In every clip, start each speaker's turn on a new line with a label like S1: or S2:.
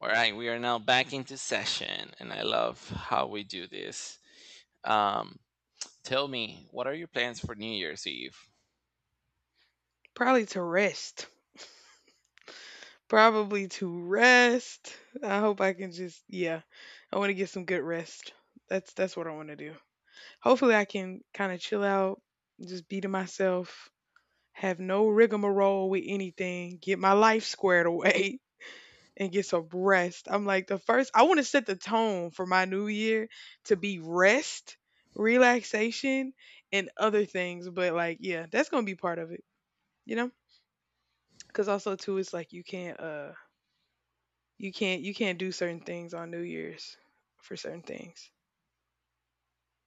S1: All right, we are now back into session, and I love how we do this. Um, tell me, what are your plans for New Year's Eve?
S2: Probably to rest. Probably to rest. I hope I can just yeah. I want to get some good rest. That's what I want to do. Hopefully I can kind of chill out, just be to myself, have no rigmarole with anything, get my life squared away and get some rest. I'm like the first I want to set the tone for my new year to be rest, relaxation, and other things, but like yeah, that's going to be part of it, you know? Cuz also too it's like You can't do certain things on New Year's for certain things.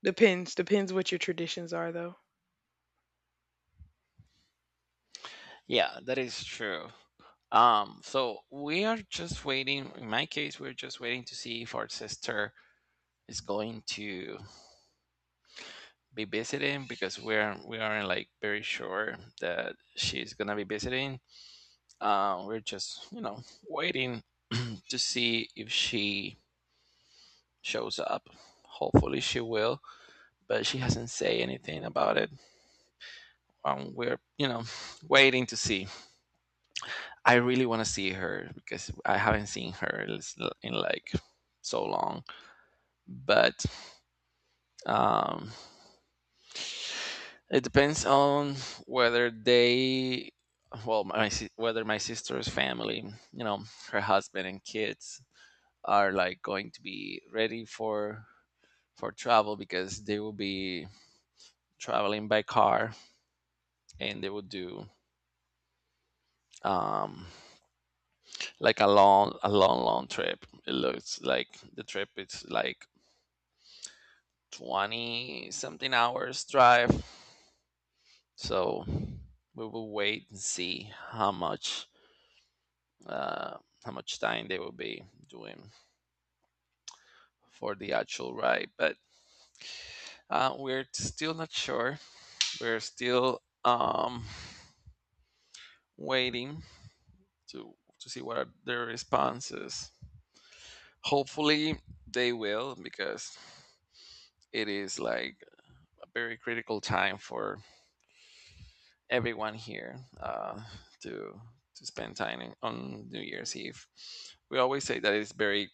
S2: Depends what your traditions are though.
S1: Yeah, that is true. So we are just waiting. In my case, we're just waiting to see if our sister is going to be visiting because we aren't like very sure that she's gonna be visiting. We're just waiting to see if she shows up. Hopefully, she will, but she hasn't say anything about it. We're waiting to see. I really want to see her because I haven't seen her in like so long. But um, it depends on whether they, well, whether my sister's family, her husband and kids are like going to be ready for travel because they will be traveling by car and they will do um like a long long trip. It looks like the trip is like 20 something hours drive, so we will wait and see uh how much time they will be doing for the actual ride. But we're still not sure. We're still waiting to to see what are their responses. Hopefully they will, because it is like a very critical time for everyone here, to to spend time on New Year's Eve. We always say that it's very,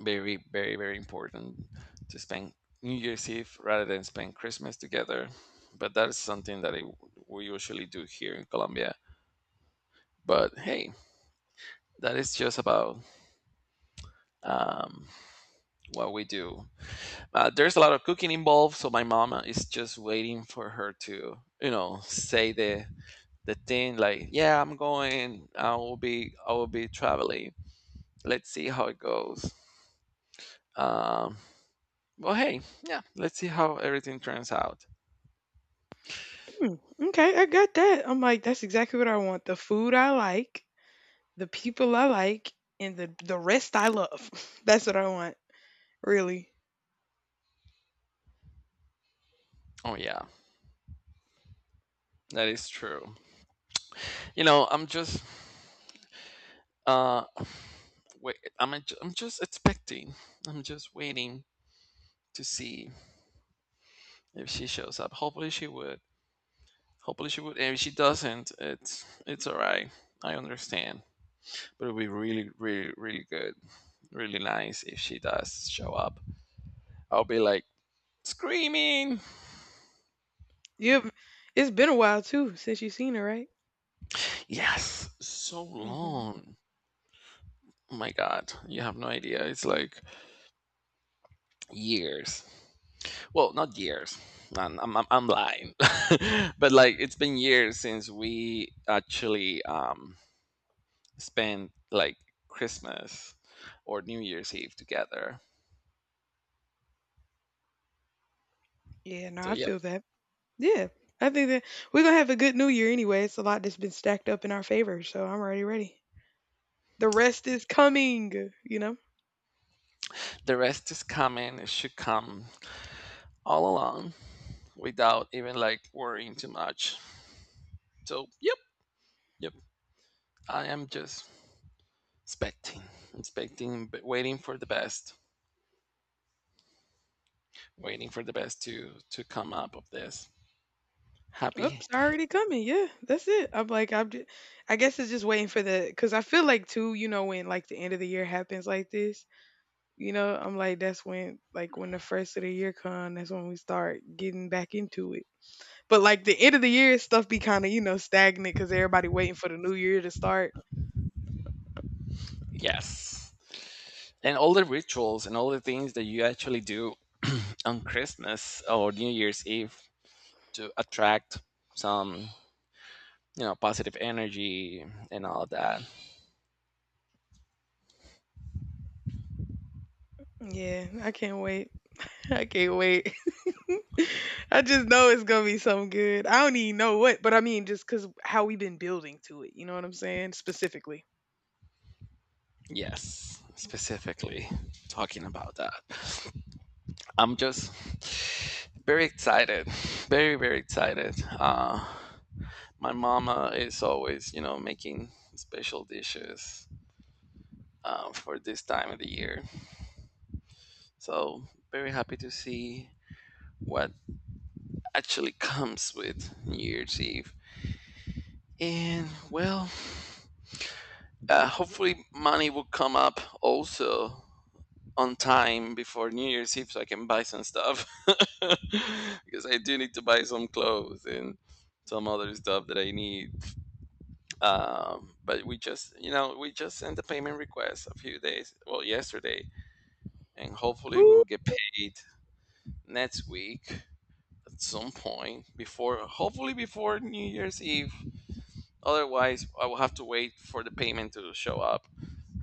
S1: very, very, very important to spend New Year's Eve rather than spend Christmas together. But that is something that we usually do here in Colombia. But hey, that is just about um, what we do. There's a lot of cooking involved, so my mama is just waiting for her to say the thing like, yeah, I'm going, I will be traveling, let's see how it goes. um well, hey, yeah, let's see how everything turns out.
S2: Mm, okay, I got that. I'm like that's exactly what I want. The food I like, the people I like, and the rest I love. That's what I want. Really.
S1: Oh yeah, that is true. you know i'm just uh I'm just expecting. I'm just waiting to see if she shows up. Hopefully she would. And if she doesn't, it's all right. I understand. But it would be really really really good, really nice if she does show up. I'll be like screaming.
S2: You have, it's been a while too since you've seen her, right?
S1: Yes, so
S2: Hmm.
S1: long. Oh my god, you have no idea. It's like years. Well, not years. I'm lying, but like it's been years since we actually spent like Christmas or New Year's Eve together.
S2: Yeah, no,
S1: So
S2: I
S1: yep,
S2: feel that. Yeah, I think that we're gonna have a good New Year anyway. It's a lot that's been stacked up in our favor, so I'm already ready. The rest is coming, you know.
S1: the rest is coming. It should come all along without even like worrying too much. So yep, yep. I am just expecting, expecting, but waiting for the best, waiting for the best to come up of this. Happy,
S2: Oops, already coming. Yeah, that's it. I'm like, I'm just, I guess it's just waiting for the, because I feel like too, you know, when like the end of the year happens like this, you know, I'm like, that's when, like, when the first of the year come, that's when we start getting back into it. But like the end of the year stuff be kind of, you know, stagnant because everybody waiting for the new year to start.
S1: yes. And all the rituals and all the things that you actually do on Christmas or New Year's Eve to attract some positive energy and all that.
S2: Yeah, I can't wait. I can't wait. I just know it's gonna be something good. I don't even know what, but I mean, just because how we been building to it. You know what I'm saying? Specifically.
S1: Yes, specifically talking about that. I'm just very excited, very very excited. My mama is always making special dishes for this time of the year. So very happy to see what actually comes with New Year's Eve. And well, hopefully money will come up also on time before New Year's Eve so I can buy some stuff because I do need to buy some clothes and some other stuff that I need, but we just sent the payment request a few days, well, yesterday, and hopefully we
S2: Ooh.
S1: will get paid next week at some point, before hopefully before New Year's Eve. Otherwise I will have to wait for the payment to show up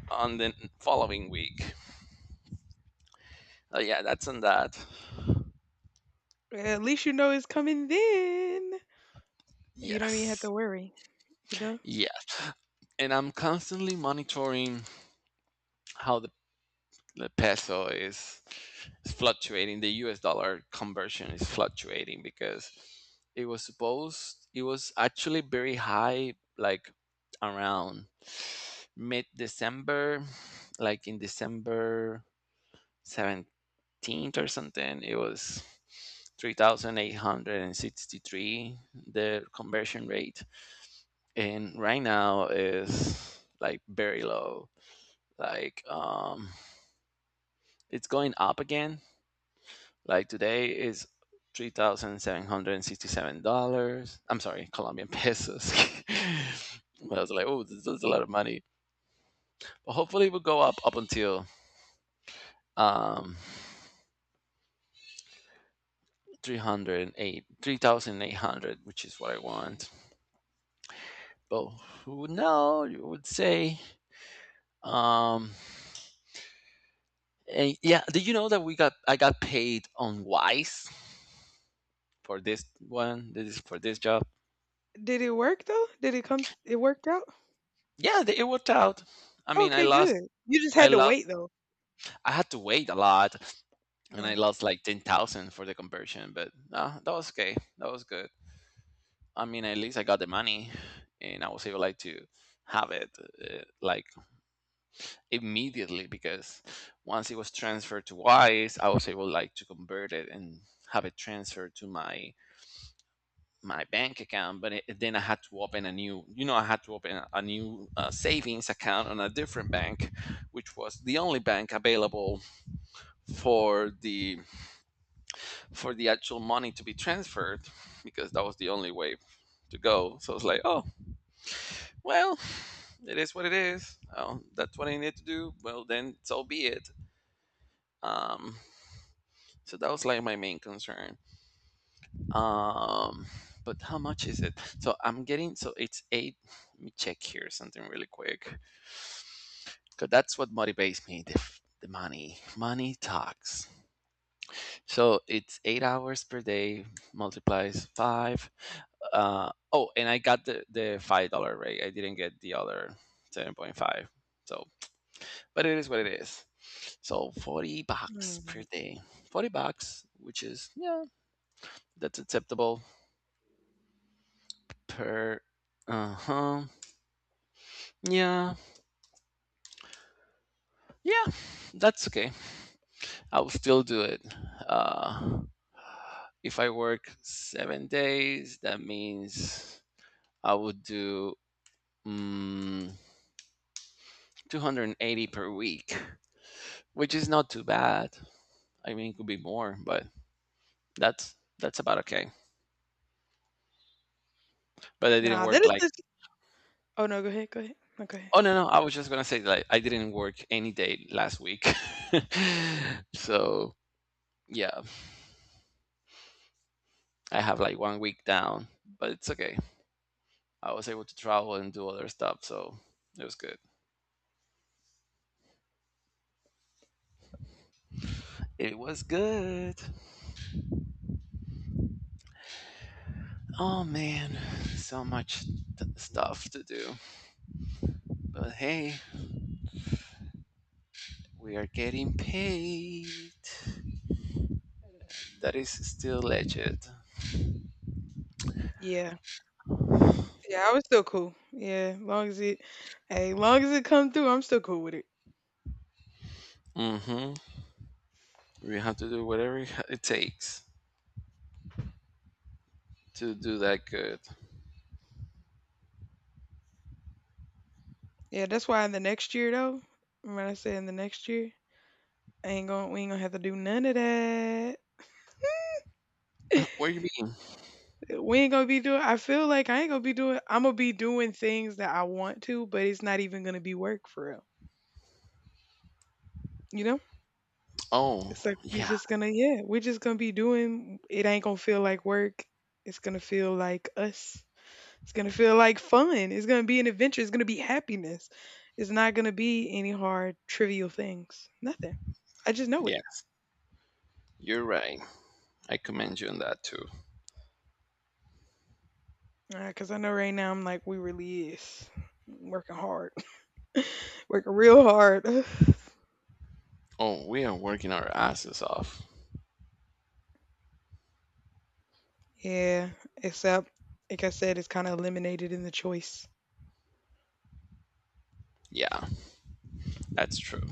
S1: on the following week. Yeah, that's on that.
S2: At least you know it's coming then. You don't even have
S1: Yes,
S2: to worry, you know?
S1: yes. And I'm constantly monitoring how the peso is fluctuating. The U.S. dollar conversion is fluctuating because it was actually very high, like around mid December, like in December 17th or something. It was 3,863, the conversion rate, and right now is like very low, like it's going up again. Like today is $3,767. I'm sorry, Colombian pesos. But I was like, oh, this is a lot of money. But hopefully, it will go up until um 308, 3,800, which is what I want. But who would know, you would say. um and yeah, did you know that we got I got paid on Wise for this one? This is for this job.
S2: Did it work though? Did it come it worked out?
S1: Yeah, it worked out. I mean, i
S2: Okay,
S1: lost
S2: good. You just
S1: i
S2: had to wait
S1: lost
S2: though.
S1: I had to wait a lot. And I
S2: Yeah.
S1: lost like 10,000 for the conversion, but no, that was okay. That was good. I mean, at least I got the money, and I was able like to have it, like immediately, because once it was transferred to Wise, I was able like to convert it and have it transferred to my bank account. But then I had to open a new, you know, I had to open a new savings account on a different bank, which was the only bank available for the for the actual money to be transferred, because that was the only way to go. So I was like, oh, well, it is what it is. Oh, that's what I need to do. Well, then so be it. Um, so that was like my main concern. Um, but how much is it? So I'm getting, so it's eight. Let me check here something really quick, because that's what motivates me, the money. Money talks. So it's 8 hours per day multiplies five. Oh, and I got the $5 rate. I didn't get the other 7.5. So, but it is what it is. So 40 bucks per
S2: Mm.
S1: day, 40 bucks, which is, yeah, that's acceptable per. Uh huh. Yeah, yeah, that's okay. I will still do it. Uh, if I work 7 days, that means I would do. Mm, 280 per week, which is not too bad. I mean, it could be more, but that's about okay. But I didn't
S2: Nah, that
S1: work
S2: is
S1: like
S2: just oh no, go ahead, go ahead. No, go ahead.
S1: oh, no, no, I was just gonna say like I didn't work any day last week, so yeah, I have like one week down, but it's okay. I was able to travel and do other stuff, so it was good. It was good. Oh man, so much stuff to do. But hey, we are getting paid. That is still legit.
S2: Yeah. Yeah, I was still cool. Yeah, long as it hey, long as it come through, I'm still cool with it.
S1: Hmm. We have to do whatever it takes to do that good.
S2: Yeah, that's why in the next year though, remember I said in the next year, I ain't gonna we ain't gonna have to do none of that.
S1: What do you mean?
S2: We ain't gonna be doing I feel like I ain't gonna be doing I'm gonna be doing things that I want to, but it's not even gonna be work for real. You know?
S1: Oh,
S2: It's like we
S1: yeah,
S2: just gonna yeah, we're just gonna be doing it ain't gonna feel like work. It's gonna feel like us. It's gonna feel like fun. It's gonna be an adventure. It's gonna be happiness. It's not gonna be any hard trivial things. Nothing. I just know it.
S1: yeah. You're right. I commend you on that too.
S2: Because I know right now I'm like, we really is working hard, working real hard.
S1: Oh, we are working our asses off.
S2: Yeah, except like I said, it's kind of eliminated in the choice.
S1: Yeah, that's true.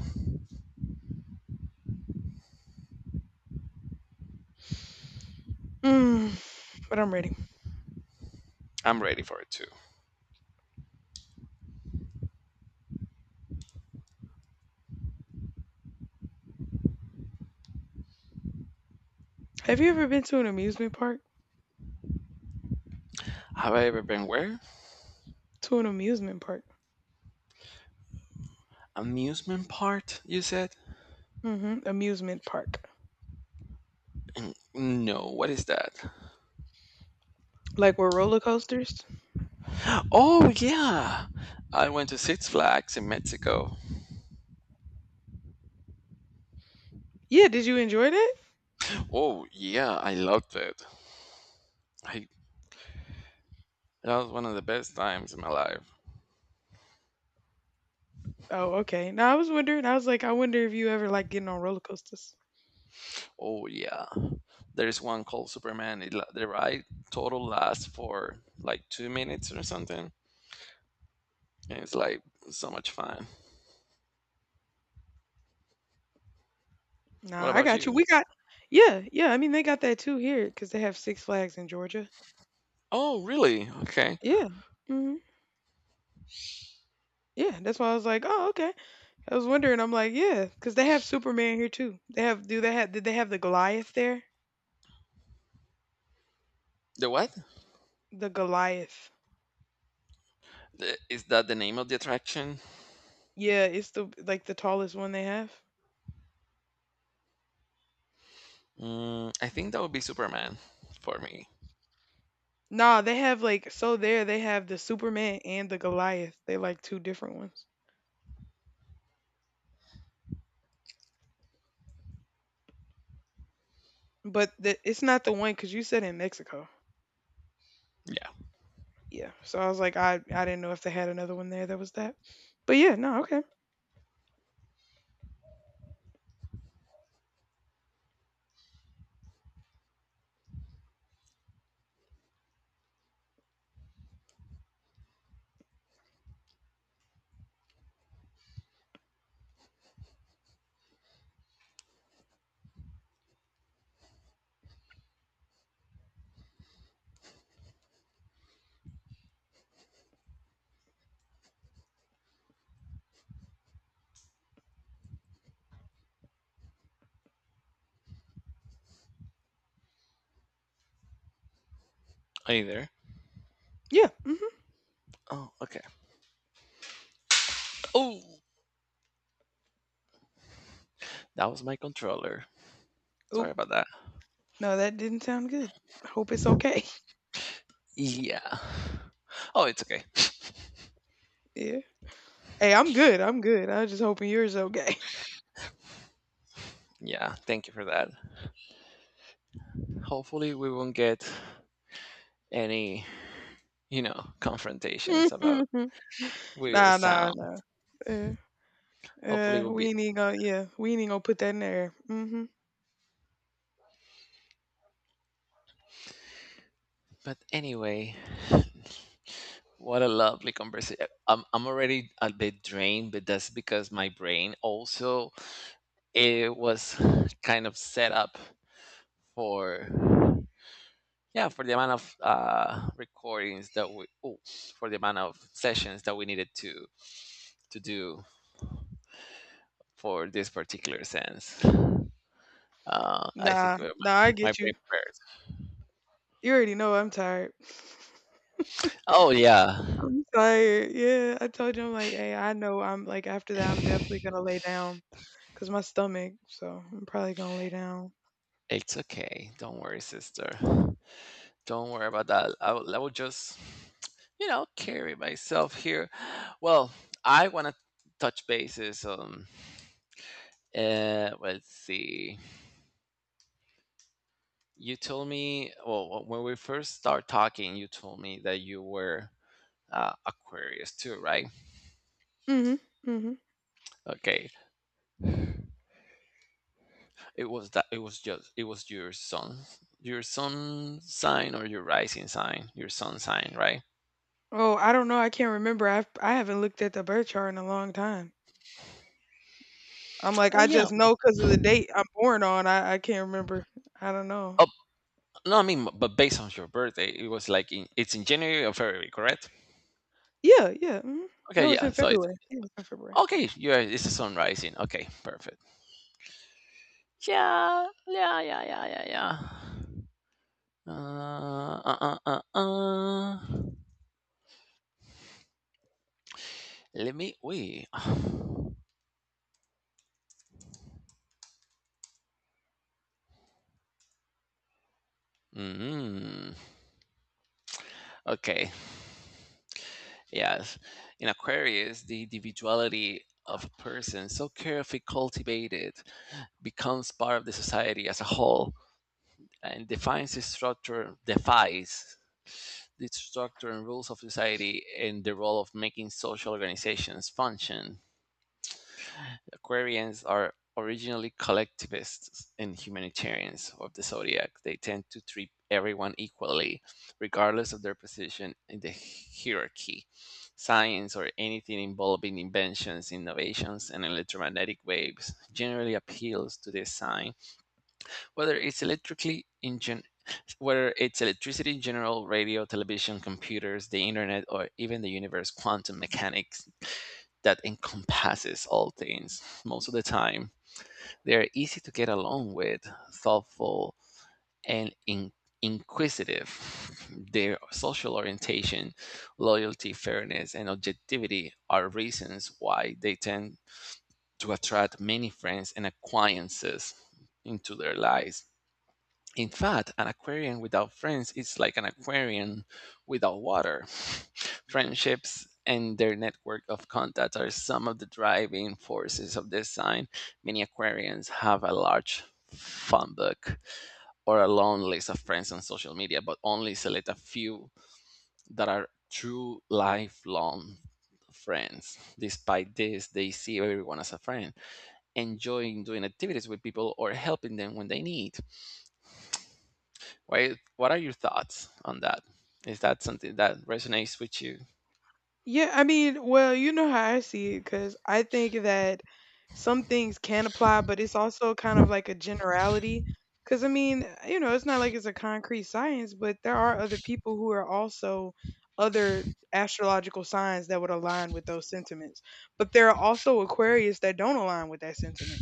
S2: Mm, but I'm ready.
S1: I'm ready for it too.
S2: Have you ever been to an amusement park?
S1: Have I ever been where?
S2: To an amusement park.
S1: Amusement part, you said?
S2: Hmm. Amusement park.
S1: No, what is that?
S2: Like with roller coasters?
S1: Oh, yeah. I went to Six Flags in Mexico.
S2: Yeah, did you enjoy that?
S1: Oh, yeah, I loved it. I, that was one of the best times in my life.
S2: Oh, okay. Now I was wondering. I was like, I wonder if you ever like getting on roller coasters.
S1: Oh yeah, there's one called Superman. The ride total lasts for like 2 minutes or something, and it's like so much fun. What
S2: Nah, I
S1: about
S2: got you.
S1: you?
S2: We got, yeah, yeah. I mean, they got that too here because they have Six Flags in Georgia.
S1: Oh really? Okay.
S2: Yeah. Hmm. Yeah, that's why I was like, "Oh, okay." I was wondering. I'm like, "Yeah," because they have Superman here too. They have. Do they have? Did they have the Goliath there?
S1: The what?
S2: The Goliath.
S1: Is that the name of the attraction?
S2: Yeah, it's the like the tallest one they have.
S1: I think that would be Superman for me.
S2: Nah, they have like so there they have the Superman and the Goliath. They like two different ones, but the, it's not the one because you said in Mexico.
S1: Yeah.
S2: Yeah, so I was like, I didn't know if they had another one there that was that. But yeah, no, okay,
S1: Are you there?
S2: yeah. Hmm.
S1: Oh okay. Oh, that was my controller. Sorry
S2: Oop,
S1: about that.
S2: no, that didn't sound good. Hope it's okay.
S1: Yeah. Oh, it's okay.
S2: Yeah. Hey, I'm good. I'm good. I was just hoping yours okay.
S1: Yeah. Thank you for that. Hopefully, we won't get any confrontations about weird
S2: Nah, nah,
S1: sound.
S2: nah. Yeah,
S1: Hopefully, it
S2: yeah.
S1: will
S2: We
S1: be.
S2: ain't even gonna. Yeah, we ain't even gonna put that in there. Mm-hmm.
S1: But anyway, what a lovely conversation. I'm already a bit drained, but that's because my brain also it was kind of set up for, yeah, for the amount of recordings that we, oh, for the amount of sessions that we needed to do for this particular sense. I think
S2: Nah,
S1: my,
S2: nah. I
S1: my
S2: get
S1: brain
S2: you.
S1: prepares.
S2: You already know I'm tired.
S1: Oh yeah,
S2: I'm tired. Yeah, I told you I'm like, hey, I know I'm like after that I'm definitely gonna lay down because my stomach. So I'm probably gonna lay down.
S1: it's okay. Don't worry, sister. Don't worry about that. I will just carry myself here. Well, I want to touch bases on. Let's see. You told me. Well, when we first start talking, you told me that you were Aquarius too, right?
S2: Mm-hmm. Mm-hmm.
S1: Okay. It was that. It was just. It was your sun. Your sun sign or your rising sign. Your sun sign, right?
S2: Oh, I don't know. I can't remember. I haven't looked at the birth chart in a long time. I'm like,
S1: Oh
S2: I
S1: yeah.
S2: just
S1: Oh,
S2: know because of the date I'm born on, I can't remember. I don't know.
S1: no, I mean, but based on your birthday, it was like it's in January or February, correct?
S2: Yeah, yeah, mhm.
S1: Okay,
S2: No, it's
S1: yeah.
S2: in
S1: So it's
S2: February. Yeah, it's in February.
S1: okay. Yeah, it's the sun rising. Okay, perfect. Yeah, yeah, yeah, yeah, yeah, yeah. Uh, uh, uh, uh, uh. Let me. Wait. Mm. Okay. Yes. In Aquarius, the individuality of a person, so carefully cultivated, becomes part of the society as a whole and defines its structure, defies the structure and rules of society and the role of making social organizations function. Aquarians are originally collectivists and humanitarians of the zodiac. They tend to treat everyone equally, regardless of their position in the hierarchy. Science or anything involving inventions, innovations, and electromagnetic waves generally appeals to this sign, whether it's electrically in gen- whether it's electricity in general, radio, television, computers, the internet, or even the universe, quantum mechanics that encompasses all things. Most of the time, they are easy to get along with, thoughtful, and inquisitive. Their social orientation, loyalty, fairness, and objectivity are reasons why they tend to attract many friends and acquaintances into their lives. In fact, an aquarium without friends is like an aquarium without water. Friendships and their network of contacts are some of the driving forces of this sign. Many aquarians have a large fun book or a long list of friends on social media, but only select a few that are true lifelong friends. Despite this, they see everyone as a friend, enjoying doing activities with people or helping them when they need. Why, what are your thoughts on that? Is that something that resonates with you?
S2: Yeah, I mean, well, you know how I see it because I think that some things can apply, but it's also kind of like a generality. Because I mean, you know, it's not like it's a concrete science, but there are other people who are also other astrological signs that would align with those sentiments. But there are also Aquarius that don't align with that sentiment.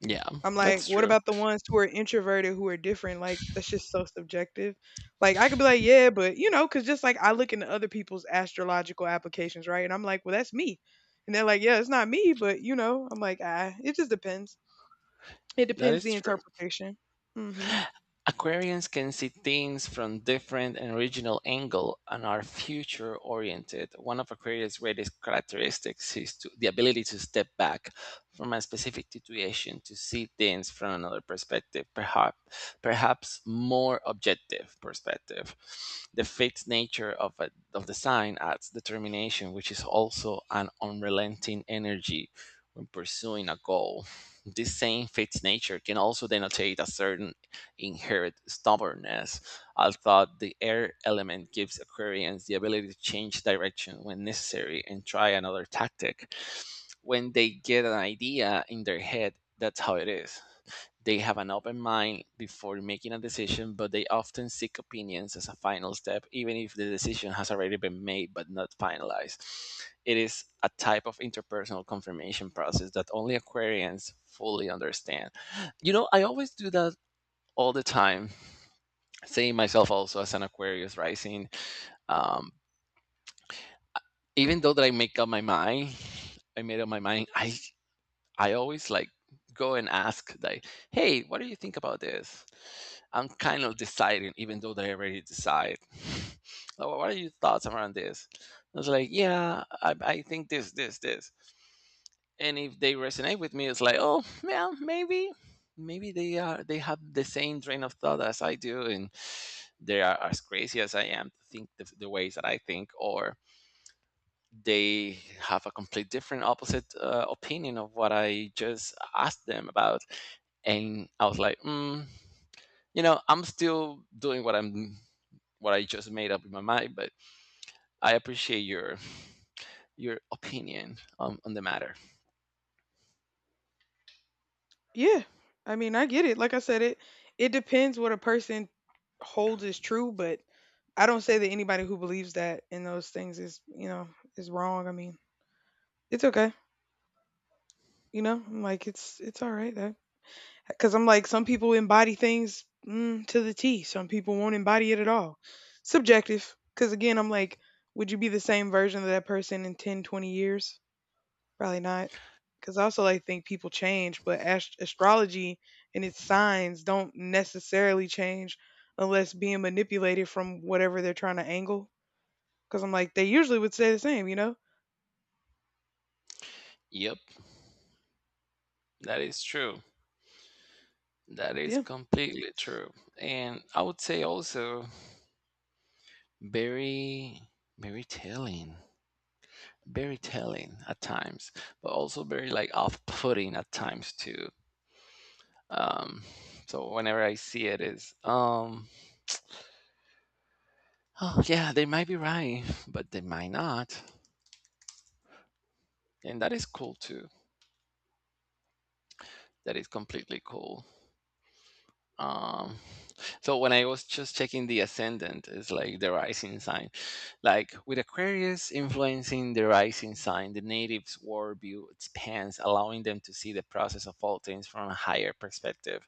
S1: Yeah,
S2: I'm like,
S1: that's
S2: what
S1: true.
S2: about the ones who are introverted who are different? Like, that's just so subjective. Like, I could be like, yeah, but you know, because just like I look into other people's astrological applications, right? And I'm like, well, that's me. And they're like, yeah, it's not me, but you know, I'm like, ah, it just depends. It
S1: That
S2: depends
S1: is
S2: the
S1: true.
S2: interpretation. Hmm.
S1: Aquarians can see things from different and original angle and are future oriented. One of Aquarius' greatest characteristics is the ability to step back from a specific situation to see things from another perspective, perhaps more objective perspective. The fixed nature of the sign adds determination, which is also an unrelenting energy when pursuing a goal. This same fixed nature can also denotate a certain inherent stubbornness, although the air element gives Aquarians the ability to change direction when necessary and try another tactic. When they get an idea in their head, that's how it is. They have an open mind before making a decision, but they often seek opinions as a final step, even if the decision has already been made but not finalized. It is a type of interpersonal confirmation process that only Aquarians fully understand. You know I always do that all the time, seeing myself also as an Aquarius rising. Um, even though that I make up my mind, I made up my mind. I always like go and ask like, hey, what do you think about this? I'm kind of deciding, even though that I already decide. Like, what are your thoughts around this? I was like, yeah, I think this. And if they resonate with me, it's like, oh, yeah, maybe, maybe they have the same train of thought as I do, and they are as crazy as I am to think the ways that I think, or they have a complete different opposite opinion of what I just asked them about. And I was like, mm, you know, I'm still doing what I just made up in my mind, but I appreciate your opinion on the matter.
S2: Yeah. I mean, I get it. Like I said, it depends what a person holds is true, but I don't say that anybody who believes that in those things is, you know, is wrong. I mean, it's okay. You know, I'm like it's all right. That because I'm like, some people embody things mm, to the T. Some people won't embody it at all. Subjective. Because again, I'm like, would you be the same version of that person in 10, 20 years? Probably not. Because I also like think people change, but astrology and its signs don't necessarily change unless being manipulated from whatever they're trying to angle. Because I'm like, they usually would stay the same, you know?
S1: Yep, that is true. That is
S2: Yeah.
S1: completely true. And I would say also very very telling, very telling at times, but also very like off-putting at times too. Um, so whenever I see it, is oh yeah, they might be right, but they might not, and that is cool too. That is completely cool. Um, so when I was just checking the ascendant, it's like the rising sign. Like with Aquarius influencing the rising sign, the native's worldview expands, allowing them to see the process of all things from a higher perspective,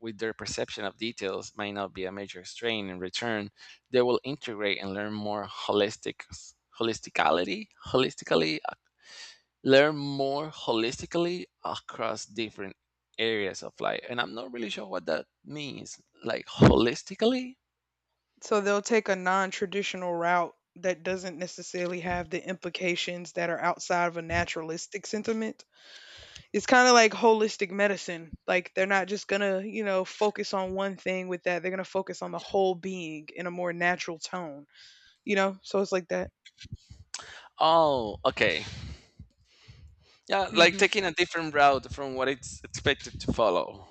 S1: with their perception of details might not be a major strain in return. They will integrate and learn more holistically learn more holistically across different areas of life, and I'm not really sure what that means, like holistically.
S2: So they'll take a non-traditional route that doesn't necessarily have the implications that are outside of a naturalistic sentiment. It's kind of like holistic medicine. Like they're not just going to, you know, focus on one thing with that. They're going to focus on the whole being in a more natural tone, you know? So it's like that.
S1: Oh, okay, yeah, like
S2: Hmm.
S1: taking a different route from what it's expected to follow.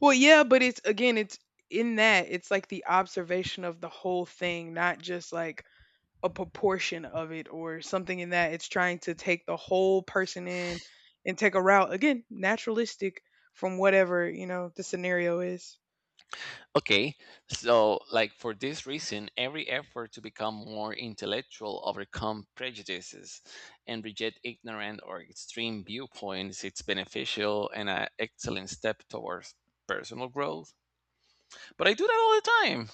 S2: Well, yeah, but it's again, it's in that, it's like the observation of the whole thing, not just like a proportion of it or something in that it's trying to take the whole person in and take a route again naturalistic from whatever you know the scenario is.
S1: Okay, so like for this reason, every effort to become more intellectual, overcome prejudices, and reject ignorant or extreme viewpoints, it's beneficial and an excellent step towards personal growth. But I do that all the time,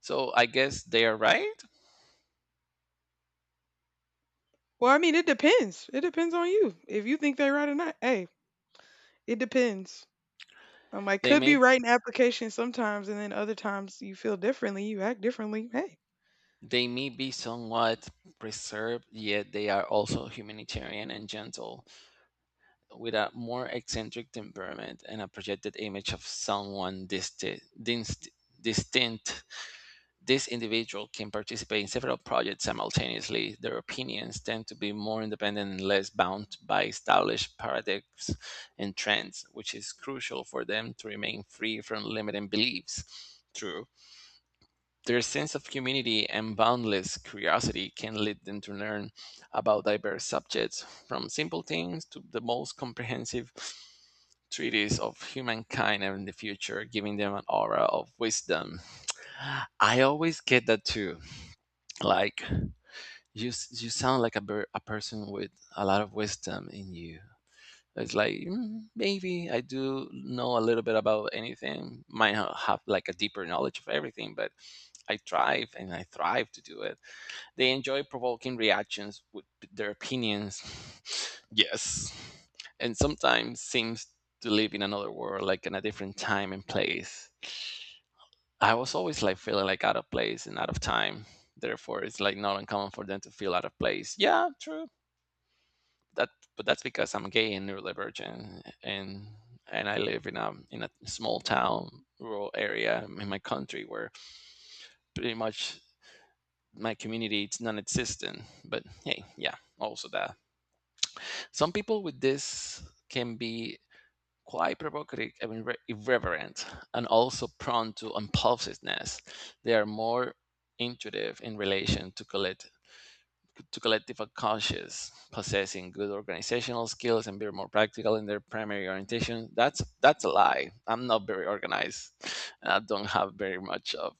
S1: so I guess they are right.
S2: Well, I mean it depends, it depends on you if you think they're right or not, hey, it depends. Um, I
S1: They
S2: could be
S1: may
S2: writing applications sometimes and then other times you feel differently you act differently, hey.
S1: they may be somewhat preserved, yet they are also humanitarian and gentle, with a more eccentric temperament and a projected image of someone distinct. This individual can participate in several projects simultaneously. Their opinions tend to be more independent and less bound by established paradigms and trends, which is crucial for them to remain free from limiting beliefs. True. Their sense of community and boundless curiosity can lead them to learn about diverse subjects, from simple things to the most comprehensive treatise of humankind and in the future, giving them an aura of wisdom. I always get that too. Like you, you sound like a person with a lot of wisdom in you. It's like "Mm, maybe I do know a little bit about anything. Might have like a deeper knowledge of everything, but I thrive and I thrive to do it." They enjoy provoking reactions with their opinions. Yes. And sometimes seems to live in another world, like in a different time and place. I was always like feeling like out of place and out of time. Therefore, it's like not uncommon for them to feel out of place. Yeah, true. That, but that's because I'm gay and neurodivergent, and I live in a small town, rural area in my country where pretty much my community it's non-existent. But hey, yeah, also that. Some people with this can be quite provocative and irreverent, and also prone to impulsiveness. They are more intuitive in relation to collect to collective unconscious, possessing good organizational skills and being more practical in their primary orientation. That's a lie. I'm not very organized, and I don't have very much of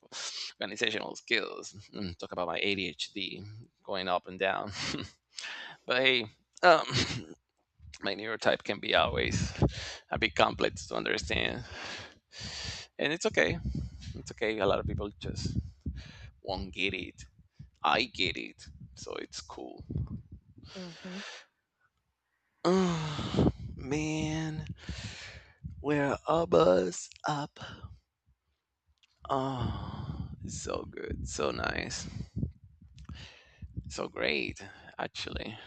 S1: organizational skills. Mm, talk about my ADHD going up and down. But hey, um, my neurotype can be always a bit complex to understand. And it's okay. It's okay. A lot of people just won't get it. I get it. So it's cool.
S2: Hmm.
S1: Oh, man, we're a bus up. Oh, so good. So nice. So great, actually.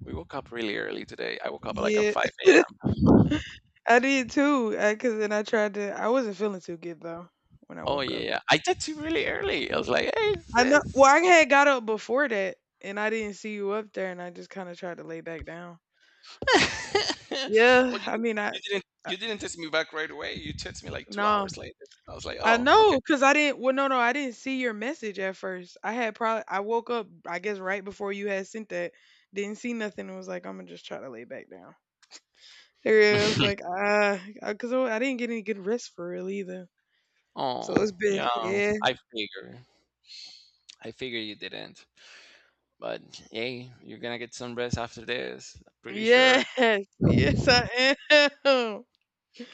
S1: We woke up really early today. I woke up at like at
S2: Yeah.
S1: 5 a.m.
S2: I did too because then I tried to I wasn't feeling too good though when I
S1: Oh,
S2: woke
S1: yeah,
S2: up.
S1: yeah. I did too, really early. I was like, hey,
S2: I know. Well,
S1: sis.
S2: I had got up before that, and I didn't see you up there, and I just kind of tried to lay back down.
S1: Well,
S2: Yeah, I
S1: you,
S2: mean,
S1: you didn't,
S2: I
S1: you didn't text me back right away. You text me like two
S2: no,
S1: hours later. I was like,
S2: I
S1: oh,
S2: know, cause I didn't. Well, no, no, I didn't see your message at first. I had probably I woke up, I guess, right before you had sent that. Didn't see nothing. And was like, I'm gonna just try to lay back down. Yeah, I was
S1: okay.
S2: like, ah, cause I didn't get any good rest for real either. So
S1: Oh,
S2: it's been,
S1: yeah.
S2: yeah,
S1: I figure. I figure you didn't. But hey, you're gonna get some rest after this. Pretty
S2: yes,
S1: sure.
S2: yes, I am.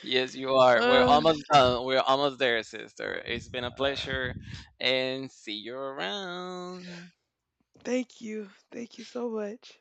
S1: Yes, you are. We're
S2: Uh,
S1: almost done. We're almost there, sister. It's been a
S2: uh,
S1: pleasure, and see you around.
S2: thank you so much.